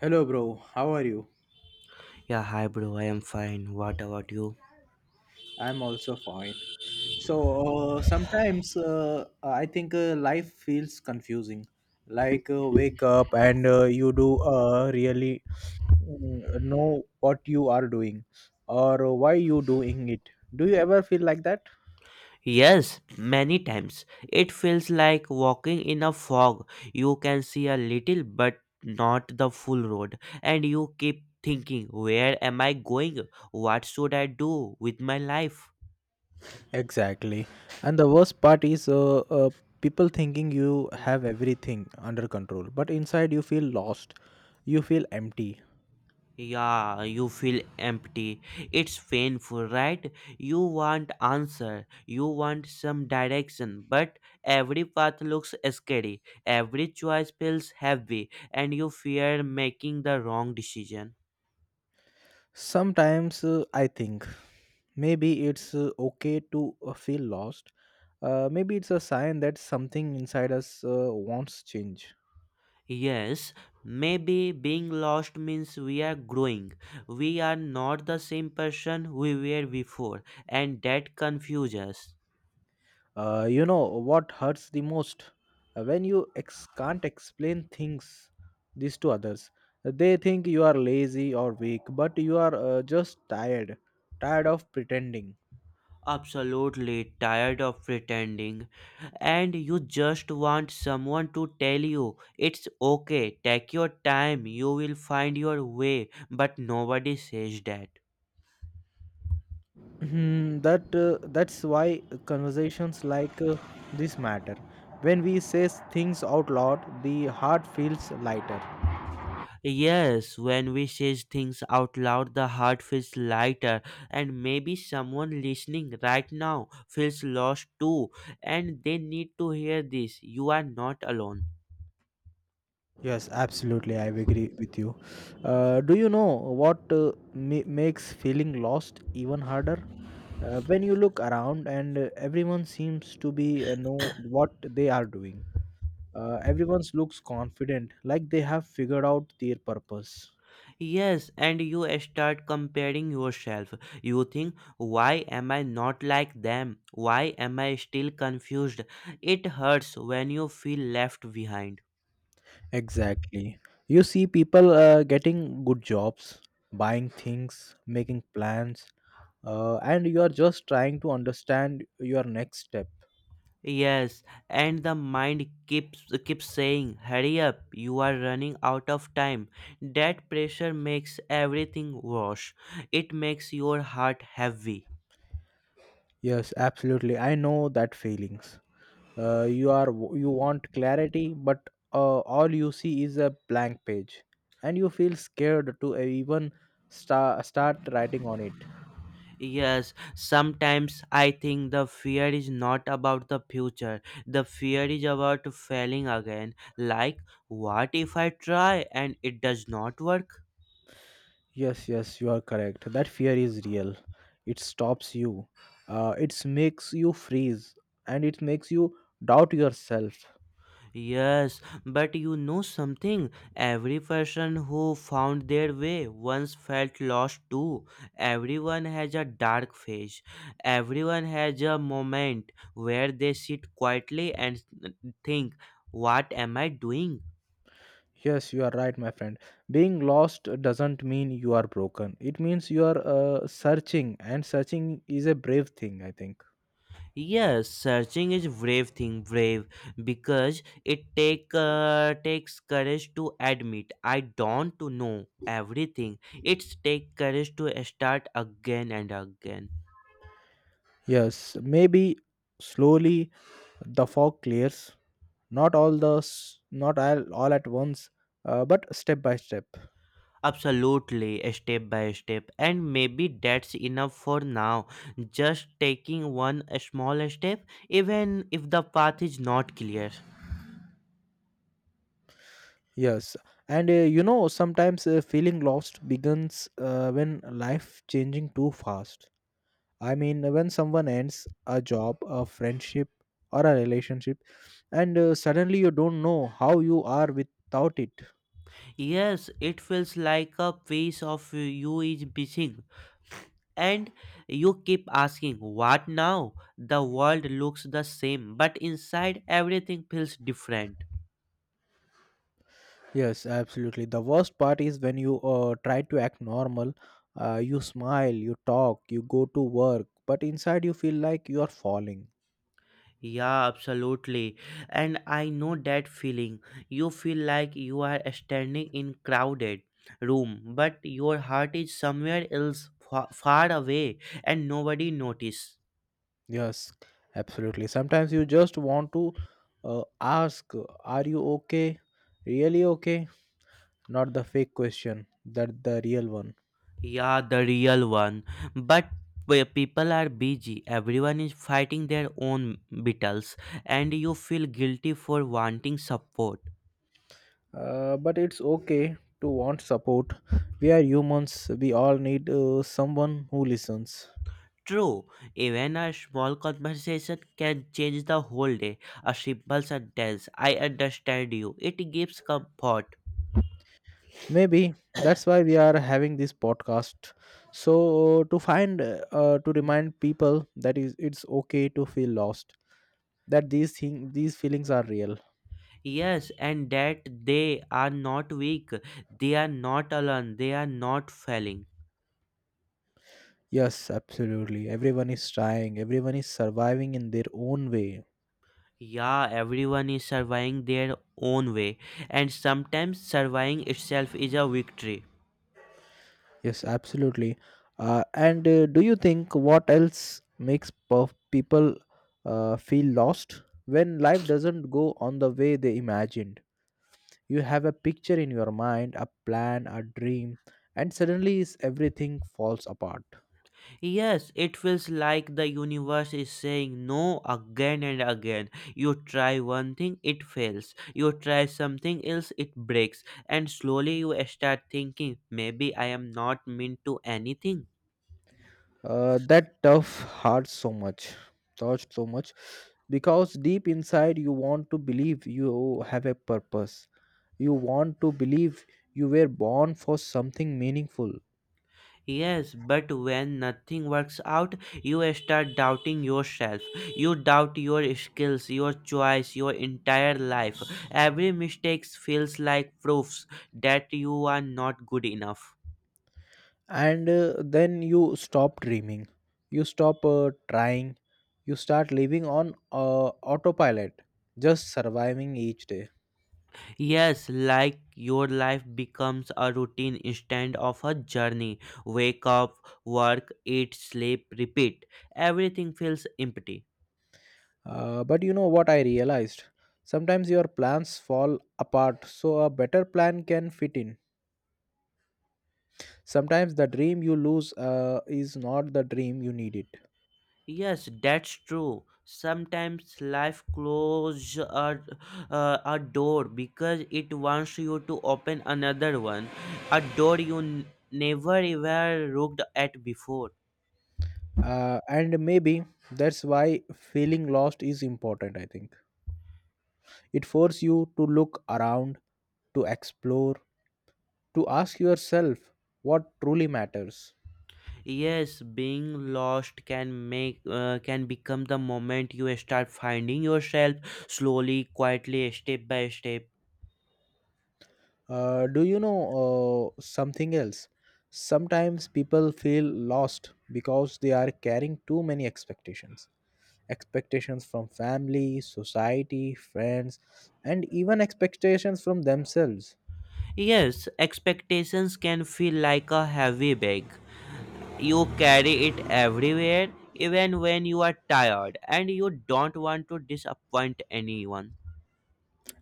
Hello, bro. How are you? Yeah, hi bro, I am fine. What about you? I'm also fine. So sometimes I think life feels confusing. Like wake up and you do really know what you are doing or why you doing it. Do you ever feel like that? Yes, many times. It feels like walking in a fog. You can see a little, but not the full road. And you keep thinking, where am I going? What should I do with my life? Exactly. And the worst part is people thinking you have everything under control, but inside you feel lost. You feel empty. Yeah, you feel empty. It's painful, right? You want answer, you want some direction, but every path looks scary. Every choice feels heavy, and you fear making the wrong decision. Sometimes I think maybe it's okay to feel lost. Maybe it's a sign that something inside us wants change. Yes, maybe being lost means we are growing. We are not the same person we were before, and that confuses us. You know what hurts the most? When you can't explain things this to others. They think you are lazy or weak, but you are just tired, tired of pretending. Absolutely tired of pretending, and you just want someone to tell you it's okay, take your time, you will find your way, but nobody says that. Hmm, that's why conversations like this matter. When we say things out loud, the heart feels lighter. Yes, when we say things out loud, the heart feels lighter, and maybe someone listening right now feels lost too, and they need to hear this. You are not alone. Yes, absolutely, I agree with you. Do you know what makes feeling lost even harder? When you look around and everyone seems to be know what they are doing. Everyone looks confident, like they have figured out their purpose. Yes, and you start comparing yourself. You think, why am I not like them? Why am I still confused? It hurts when you feel left behind. Exactly. You see people getting good jobs, buying things, making plans, and you are just trying to understand your next step. Yes, and the mind keeps saying, hurry up, you are running out of time. That pressure makes everything worse. It makes your heart heavy. Yes, absolutely. I know that feelings. Uh, you are you want clarity, but all you see is a blank page, and you feel scared to even start writing on it. Yes, sometimes I think the fear is not about the future. The fear is about failing again. Like, what if I try and it does not work? Yes, yes, you are correct. That fear is real. It stops you. It makes you freeze and it makes you doubt yourself. Yes, but you know something? Every person who found their way once felt lost too. Everyone has a dark phase. Everyone has a moment where they sit quietly and think, what am I doing? Yes, you are right, my friend. Being lost doesn't mean you are broken. It means you are searching, and searching is a brave thing, I think. Yes, searching is brave thing, brave because it takes courage to admit I don't to know everything. It's take courage to start again and again. Yes, maybe slowly the fog clears. Not all at once, but step by step. Absolutely, step by step, and maybe that's enough for now. Just taking one small step, even if the path is not clear. Yes, and sometimes feeling lost begins when life changing too fast. I mean, when someone ends a job, a friendship, or a relationship, and suddenly you don't know how you are without it. Yes, it feels like a piece of you is missing, and you keep asking what now. The world looks the same, but inside everything feels different. Yes, absolutely. The worst part is when you try to act normal, you smile, you talk, you go to work, but inside you feel like you are falling. Yeah, absolutely, and I know that feeling. You feel like you are standing in crowded room, but your heart is somewhere else, far away, and nobody notice. Yes, absolutely. Sometimes you just want to ask, Are you okay? Really okay? Not the fake question, that the real one. Yeah, the real one. But where people are busy, everyone is fighting their own battles, and you feel guilty for wanting support. But it's okay to want support. We are humans, we all need someone who listens. True, even a small conversation can change the whole day. A simple sentence, I understand you, it gives comfort. Maybe that's why we are having this podcast. So, to remind people that is, it's okay to feel lost, that these feelings are real. Yes, and that they are not weak, they are not alone, they are not failing. Yes, absolutely. Everyone is trying, everyone is surviving in their own way. Yeah, everyone is surviving their own way, and sometimes surviving itself is a victory. Yes, absolutely. And do you think what else makes people feel lost? When life doesn't go on the way they imagined, you have a picture in your mind, a plan, a dream, and suddenly is everything falls apart. Yes, it feels like the universe is saying no again and again. You try one thing, it fails. You try something else, it breaks. And slowly you start thinking, maybe I am not meant to anything. That tough hurt so much, touched so much, because deep inside you want to believe you have a purpose. You want to believe you were born for something meaningful, Yes, but when nothing works out, you start doubting yourself. You doubt your skills, your choice, your entire life. Every mistake feels like proofs that you are not good enough. and then you stop dreaming. You stop trying. You start living on autopilot, just surviving each day. Yes, like your life becomes a routine instead of a journey. Wake up, work, eat, sleep, repeat. Everything feels empty. But you know what I realized? Sometimes your plans fall apart, so a better plan can fit in. Sometimes the dream you lose is not the dream you need it. Yes, that's true. Sometimes life closes a door because it wants you to open another one, a door you never ever looked at before. And maybe that's why feeling lost is important, I think. It forces you to look around, to explore, to ask yourself what truly matters. Yes, being lost can make can become the moment you start finding yourself slowly, quietly, step by step. Do you know something else? Sometimes people feel lost because they are carrying too many expectations, expectations from family, society, friends, and even expectations from themselves. Yes, expectations can feel like a heavy bag. You carry it everywhere, even when you are tired and you don't want to disappoint anyone.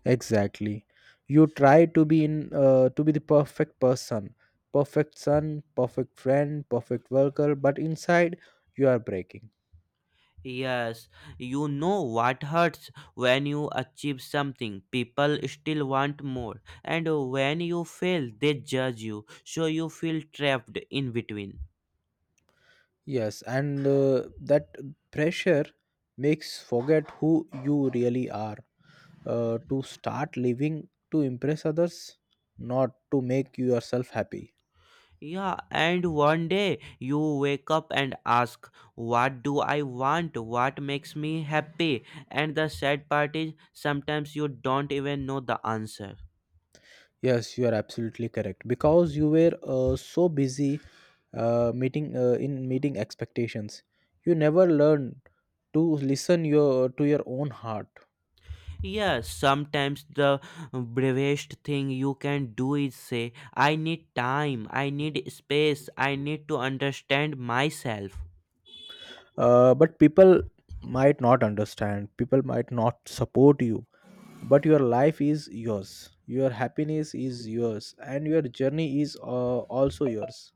Exactly. You try to be in to be the perfect person, perfect son, perfect friend, perfect worker, but inside you are breaking. Yes, you know what hurts when you achieve something. People still want more, and when you fail, they judge you, so you feel trapped in between. Yes, and that pressure makes forget who you really are. To start living to impress others, not to make yourself happy. Yeah, and one day you wake up and ask, what do I want? What makes me happy? And the sad part is sometimes you don't even know the answer. Yes, you are absolutely correct. Because you were so busy meeting in meeting expectations, you never learned to listen your to your own heart. Yeah, sometimes the bravest thing you can do is say, I need time, I need space, I need to understand myself. But people might not understand. People might not support you. But your life is yours. Your happiness is yours, and your journey is also yours.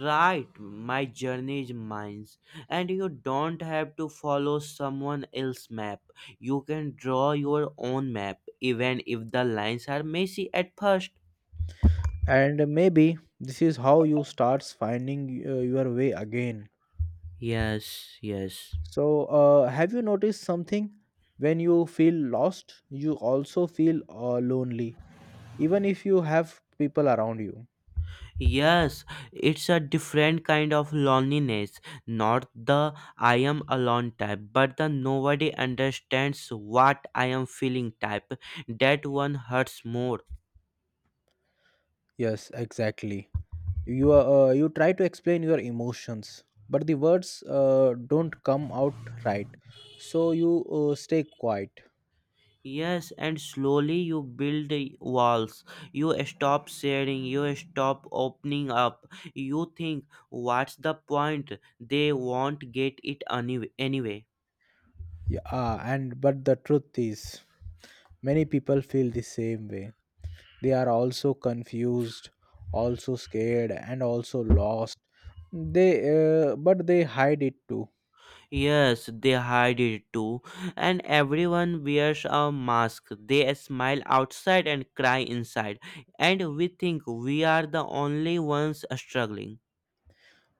Right, my journey is mine. And you don't have to follow someone else's map. You can draw your own map, even if the lines are messy at first. And maybe this is how you starts finding your way again. Yes, yes. So, have you noticed something? When you feel lost, you also feel lonely, even if you have people around you. Yes, it's a different kind of loneliness, not the I am alone type, but the nobody understands what I am feeling type. That one hurts more. Yes, exactly. You try to explain your emotions, but the words don't come out right. So you stay quiet. Yes, and slowly you build the walls. You stop sharing, you stop opening up. You think, what's the point? They won't get anyway. Yeah, and but the truth is, many people feel the same way. They are also confused, also scared, and also lost. They but they hide it too. Yes, they hide it too, and everyone wears a mask. They smile outside and cry inside, and we think we are the only ones struggling.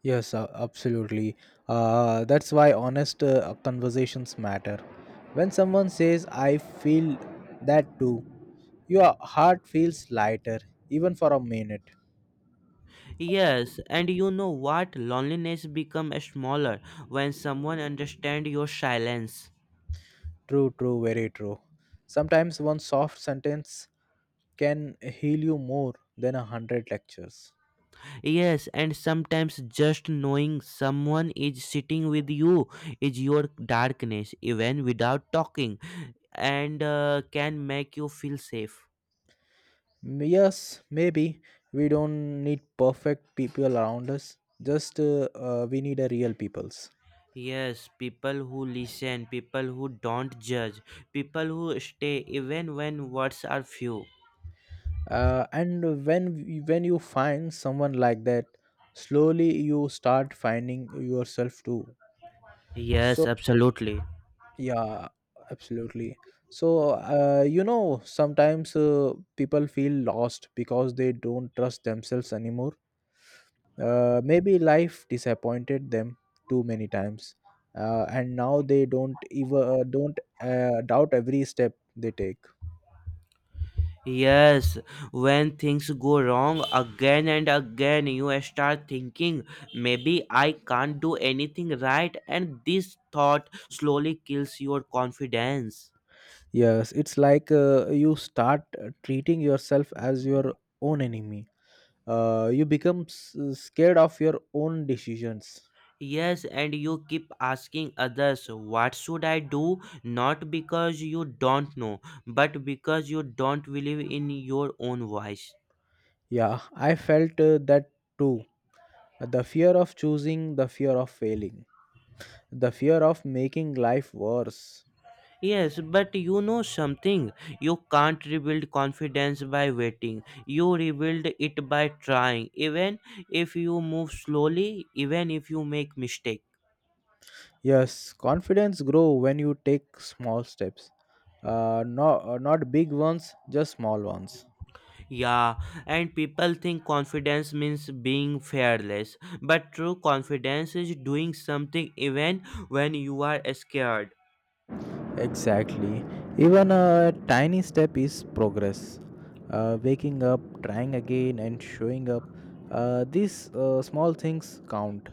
Yes, absolutely. That's why honest conversations matter. When someone says I feel that too, your heart feels lighter, even for a minute. Yes, and you know what? Loneliness becomes smaller when someone understands your silence. True, true, very true. Sometimes one soft sentence can heal you more than 100 lectures. Yes, and sometimes just knowing someone is sitting with you is your darkness, even without talking, and can make you feel safe. Yes, maybe we don't need perfect people around us. Just we need a real peoples. Yes, people who listen, people who don't judge, people who stay even when words are few. And when you find someone like that, slowly you start finding yourself too. Yes, So absolutely. yeah, absolutely. So sometimes people feel lost because they don't trust themselves anymore. Maybe life disappointed them too many times, and now they don't even don't doubt every step they take. Yes, when things go wrong again and again, you start thinking, maybe I can't do anything right, and this thought slowly kills your confidence. Yes, it's like you start treating yourself as your own enemy. You become scared of your own decisions. Yes, and you keep asking others, what should I do? Not because you don't know, but because you don't believe in your own voice. Yeah, I felt that too. The fear of choosing, the fear of failing, the fear of making life worse. Yes, but you know something. You can't rebuild confidence by waiting. You rebuild it by trying, even if you move slowly, even if you make mistakes. Yes, confidence grow when you take small steps. No, not big ones, just small ones. Yeah, and people think confidence means being fearless, but true confidence is doing something even when you are scared. Exactly. Even a tiny step is progress. Waking up, trying again, and showing up. These small things count.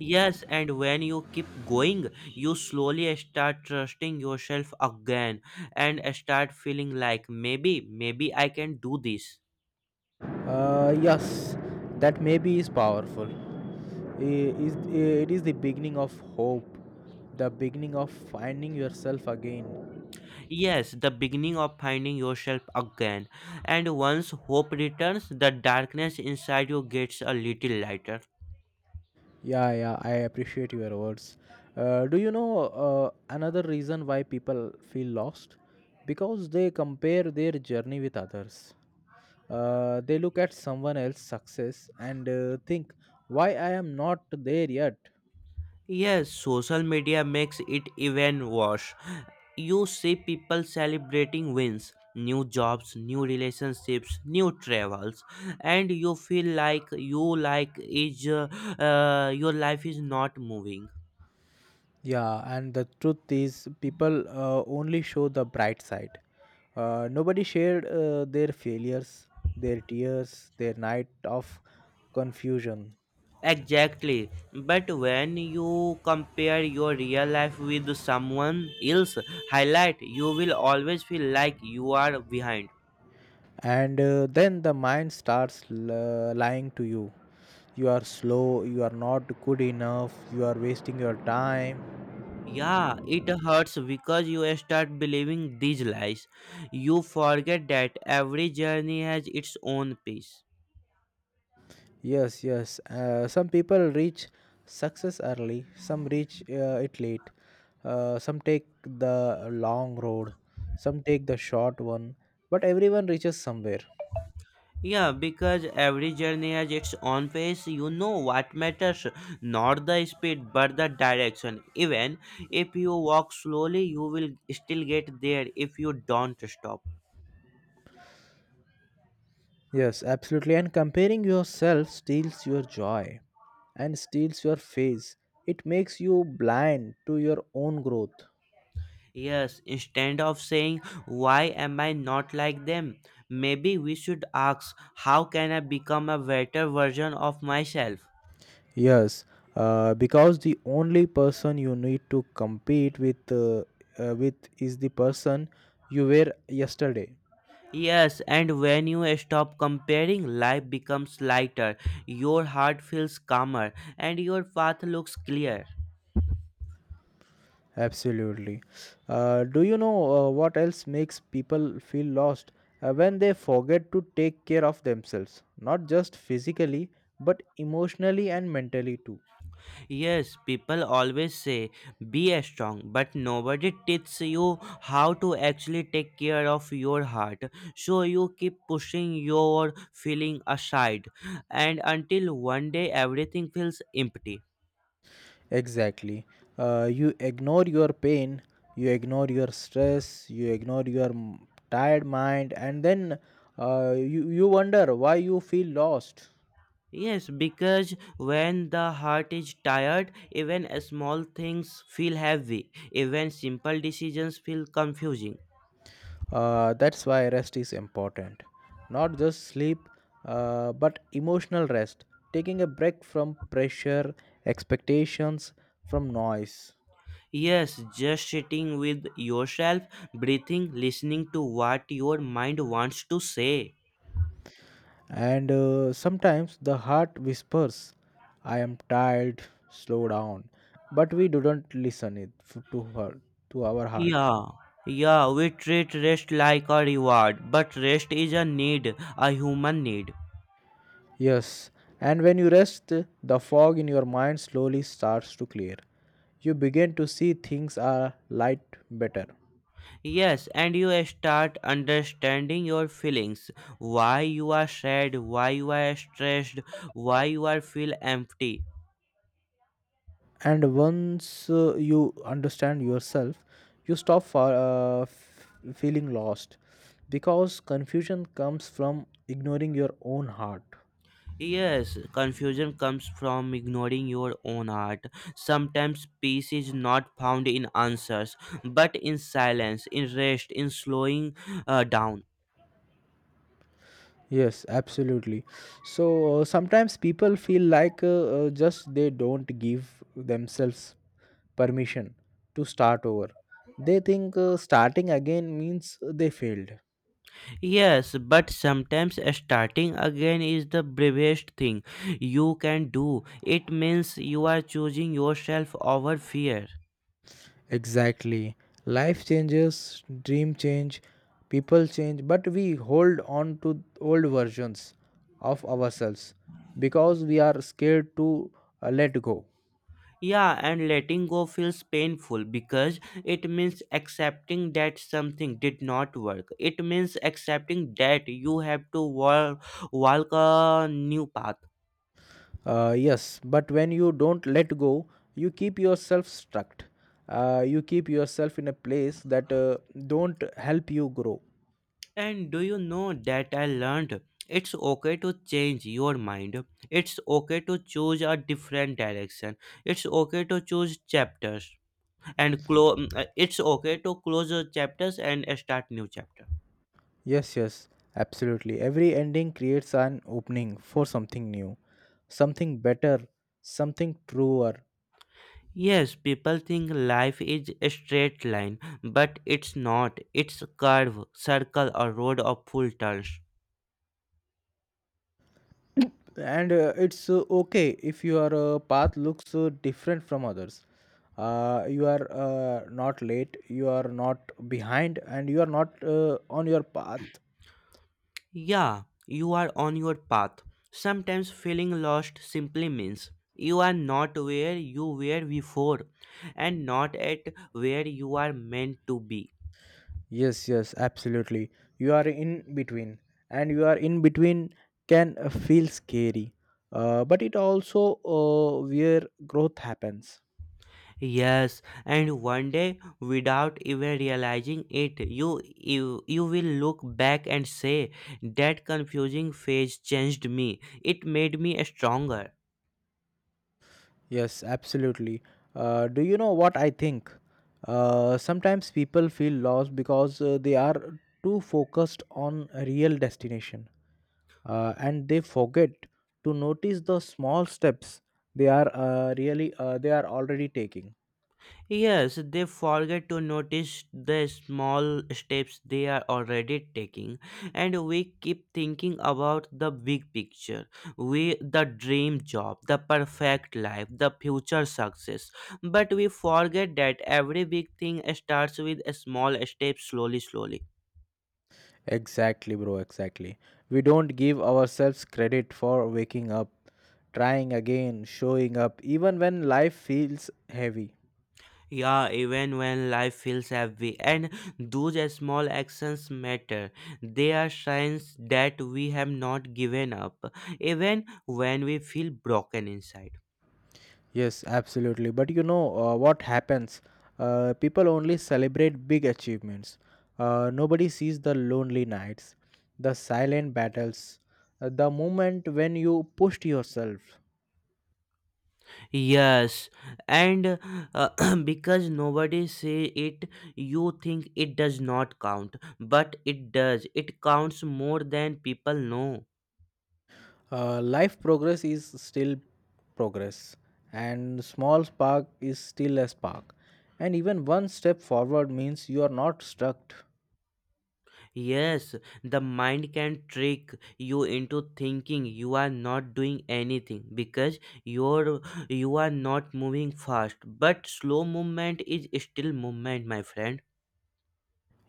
Yes, and when you keep going, you slowly start trusting yourself again and start feeling like maybe, maybe I can do this. Yes, that maybe is powerful. I- is- It is the beginning of hope, the beginning of finding yourself again. Yes, the beginning of finding yourself again. And once hope returns, the darkness inside you gets a little lighter. Yeah, yeah, I appreciate your words. Do you know another reason why people feel lost? Because they compare their journey with others. They look at someone else's success and think, why I am not there yet? Yes, social media makes it even worse. You see people celebrating wins, new jobs, new relationships, new travels, and you feel like your life is not moving. Yeah, and the truth is, people only show the bright side. Nobody shared their failures, their tears, their night of confusion. Exactly, but when you compare your real life with someone else highlight, you will always feel like you are behind. And then the mind starts lying to you. You are slow, you are not good enough, you are wasting your time. Yeah, it hurts because you start believing these lies. You forget that every journey has its own pace. Yes, yes, some people reach success early, some reach it late, some take the long road, some take the short one, but everyone reaches somewhere. Yeah, because every journey has its own pace, you know what matters, not the speed but the direction. Even if you walk slowly, you will still get there if you don't stop. Yes, absolutely, and comparing yourself steals your joy and steals your face. It makes you blind to your own growth. Yes, instead of saying, why am I not like them? Maybe we should ask, how can I become a better version of myself? Yes, because the only person you need to compete with is the person you were yesterday. Yes, and when you stop comparing, life becomes lighter, your heart feels calmer, and your path looks clear. Absolutely. Do you know what else makes people feel lost? When they forget to take care of themselves, not just physically, but emotionally and mentally too. Yes, people always say be strong, but nobody teaches you how to actually take care of your heart. So you keep pushing your feeling aside, and until one day everything feels empty. Exactly. You ignore your pain, you ignore your stress, you ignore your tired mind, and then you wonder why you feel lost. Yes, because when the heart is tired, even small things feel heavy, even simple decisions feel confusing. That's why rest is important. Not just sleep, but emotional rest, taking a break from pressure, expectations, from noise. Yes, just sitting with yourself, breathing, listening to what your mind wants to say. And sometimes the heart whispers, I am tired, slow down. But we do not listen it f- to her to our heart. Yeah, yeah, we treat rest like a reward, but rest is a need, a human need. Yes, and when you rest, the fog in your mind slowly starts to clear. You begin to see things are light better. Yes, and you start understanding your feelings, why you are sad, why you are stressed, why you are feel empty. And once you understand yourself, you stop feeling lost because confusion comes from ignoring your own heart. Yes, confusion comes from ignoring your own heart. Sometimes peace is not found in answers, but in silence, in rest, in slowing down. Yes, absolutely. So sometimes people feel like just they don't give themselves permission to start over. They think starting again means they failed. Yes, but sometimes starting again is the bravest thing you can do. It means you are choosing yourself over fear. Exactly. Life changes, dream change, people change, but we hold on to old versions of ourselves because we are scared to let go. Yeah, and letting go feels painful because it means accepting that something did not work. It means accepting that you have to walk a new path. Yes, but when you don't let go, you keep yourself stuck. You keep yourself in a place that don't help you grow. And do you know that I learned? It's okay to change your mind. It's okay to choose a different direction. It's okay to choose chapters and close. It's okay to close chapters and start new chapters. Yes, yes, absolutely. Every ending creates an opening for something new, something better, something truer. Yes, people think life is a straight line, but it's not. It's a curve, circle, or road of full turns. And it's okay if your path looks different from others. You are not late, you are not behind, and you are not on your path. Yeah, you are on your path. Sometimes feeling lost simply means you are not where you were before and not at where you are meant to be. Yes, yes, absolutely. You are in between, and you are in between can feel scary, but it also where growth happens. Yes, and one day, without even realizing it, you will look back and say that confusing phase changed me. It made me stronger. Yes, absolutely. Do you know what I think? Sometimes people feel lost because they are too focused on a real destination, and they forget to notice the small steps they are already taking. Yes, they forget to notice the small steps they are already taking, and we keep thinking about the big picture. We the dream job, the perfect life, the future success. But we forget that every big thing starts with a small step, slowly slowly. Exactly, bro, exactly. We don't give ourselves credit for waking up, trying again, showing up, even when life feels heavy. Yeah, even when life feels heavy, and those small actions matter. They are signs that we have not given up, even when we feel broken inside. Yes, absolutely. But you know what happens? People only celebrate big achievements. Nobody sees the lonely nights, the silent battles, the moment when you pushed yourself. Yes, and because nobody say it, you think it does not count, but it does. It counts more than people know. Life progress is still progress, and small spark is still a spark. And even one step forward means you are not stuck. Yes, the mind can trick you into thinking you are not doing anything because you're you are not moving fast. But slow movement is still movement, my friend.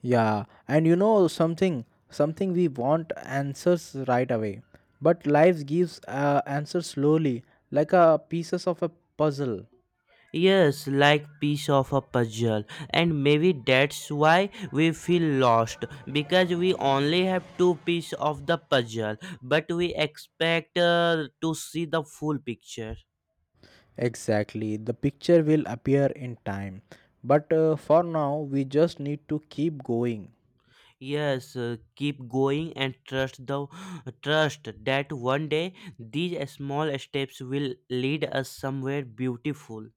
Yeah, and you know something, something we want answers right away, but life gives answers slowly, like a pieces of a puzzle. Yes, like piece of a puzzle. And maybe that's why we feel lost because we only have two piece of the puzzle, but we expect to see the full picture. Exactly, the picture will appear in time, but for now we just need to keep going. Yes, keep going and trust the trust that one day these small steps will lead us somewhere beautiful.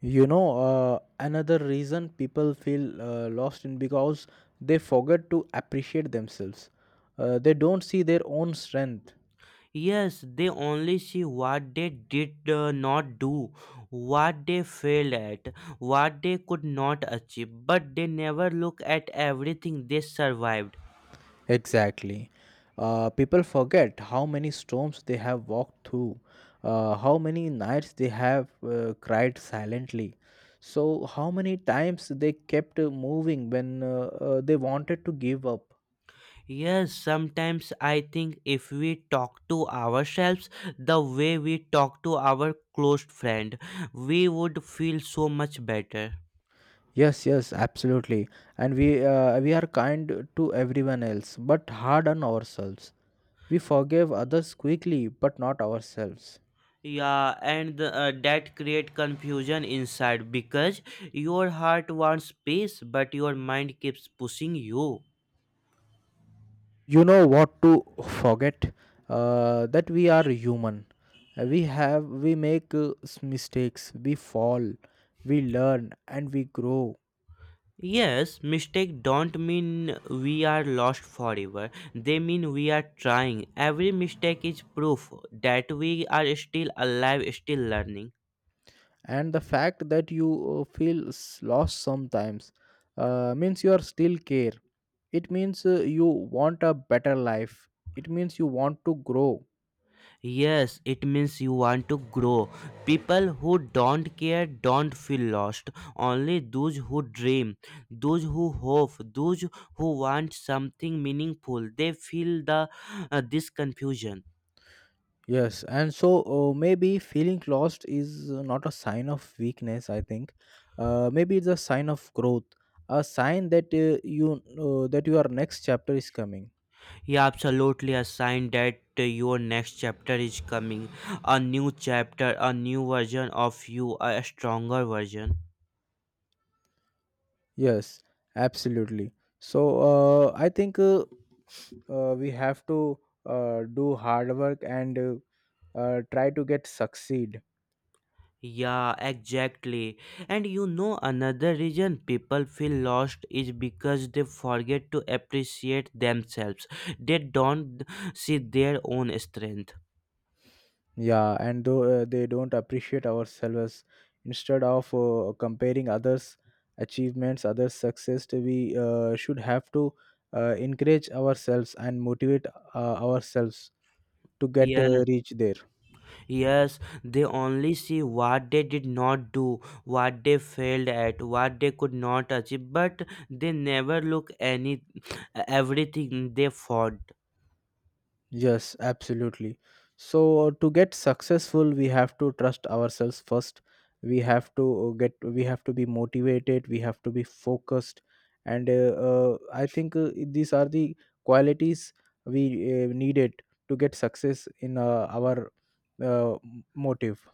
You know, another reason people feel lost in because they forget to appreciate themselves. They don't see their own strength. Yes, they only see what they did not do, what they failed at, what they could not achieve, but they never look at everything they survived. Exactly. People forget how many storms they have walked through, how many nights they have cried silently, so how many times they kept moving when they wanted to give up. Yes, sometimes I think if we talk to ourselves the way we talk to our close friend, we would feel so much better. Yes, yes, absolutely. And we are kind to everyone else, but hard on ourselves. We forgive others quickly, but not ourselves. Yeah, and that create confusion inside because your heart wants peace but your mind keeps pushing you. You know what to forget? That we are human. We make mistakes. We fall. We learn and we grow. Yes, mistake don't mean we are lost forever. They mean we are trying. Every mistake is proof that we are still alive, still learning. And the fact that you feel lost sometimes means you are still care. It means you want a better life. It means you want to grow. Yes, it means you want to grow. People who don't care don't feel lost. Only those who dream, those who hope, those who want something meaningful, they feel the this confusion. Yes, and so maybe feeling lost is not a sign of weakness, I think. Maybe it's a sign of growth, a sign that your next chapter is coming. Yeah, absolutely a sign that your next chapter is coming. A new chapter, a new version of you, a stronger version. Yes, absolutely. So I think we have to do hard work and try to get succeed. Yeah, exactly. And you know, another reason people feel lost is because they forget to appreciate themselves. They don't see their own strength. Yeah, and though they don't appreciate ourselves, instead of comparing others' achievements, others' success, to we should have to encourage ourselves and motivate ourselves to get Yes, reach there. yes, they only see what they did not do, what they failed at, what they could not achieve, but they never look any everything they fought. Yes, absolutely. So to get successful, we have to trust ourselves first. We have to be motivated. We have to be focused, and I think these are the qualities we needed to get success in our uh, motive.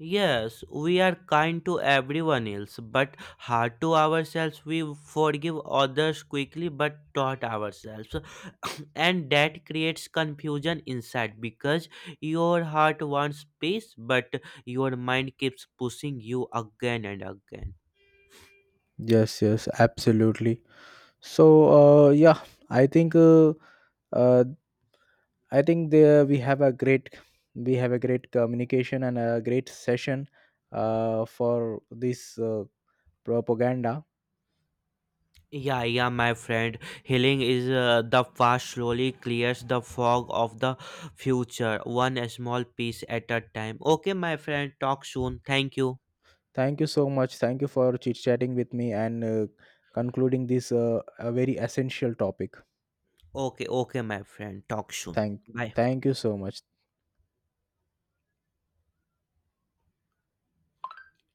Yes, we are kind to everyone else, but hard to ourselves. We forgive others quickly, but not ourselves. And that creates confusion inside because your heart wants peace, but your mind keeps pushing you again and again. Yes, yes, absolutely. So yeah, I think uh, uh, I think there we have a great communication and a great session for this propaganda. Yeah, yeah, my friend. Healing is the past slowly clears the fog of the future, one small piece at a time. Okay, my friend, talk soon. Thank you. Thank you so much. Thank you for chit chatting with me and concluding this a very essential topic. Okay, okay, my friend. Talk soon. Thank Bye. thank you so much.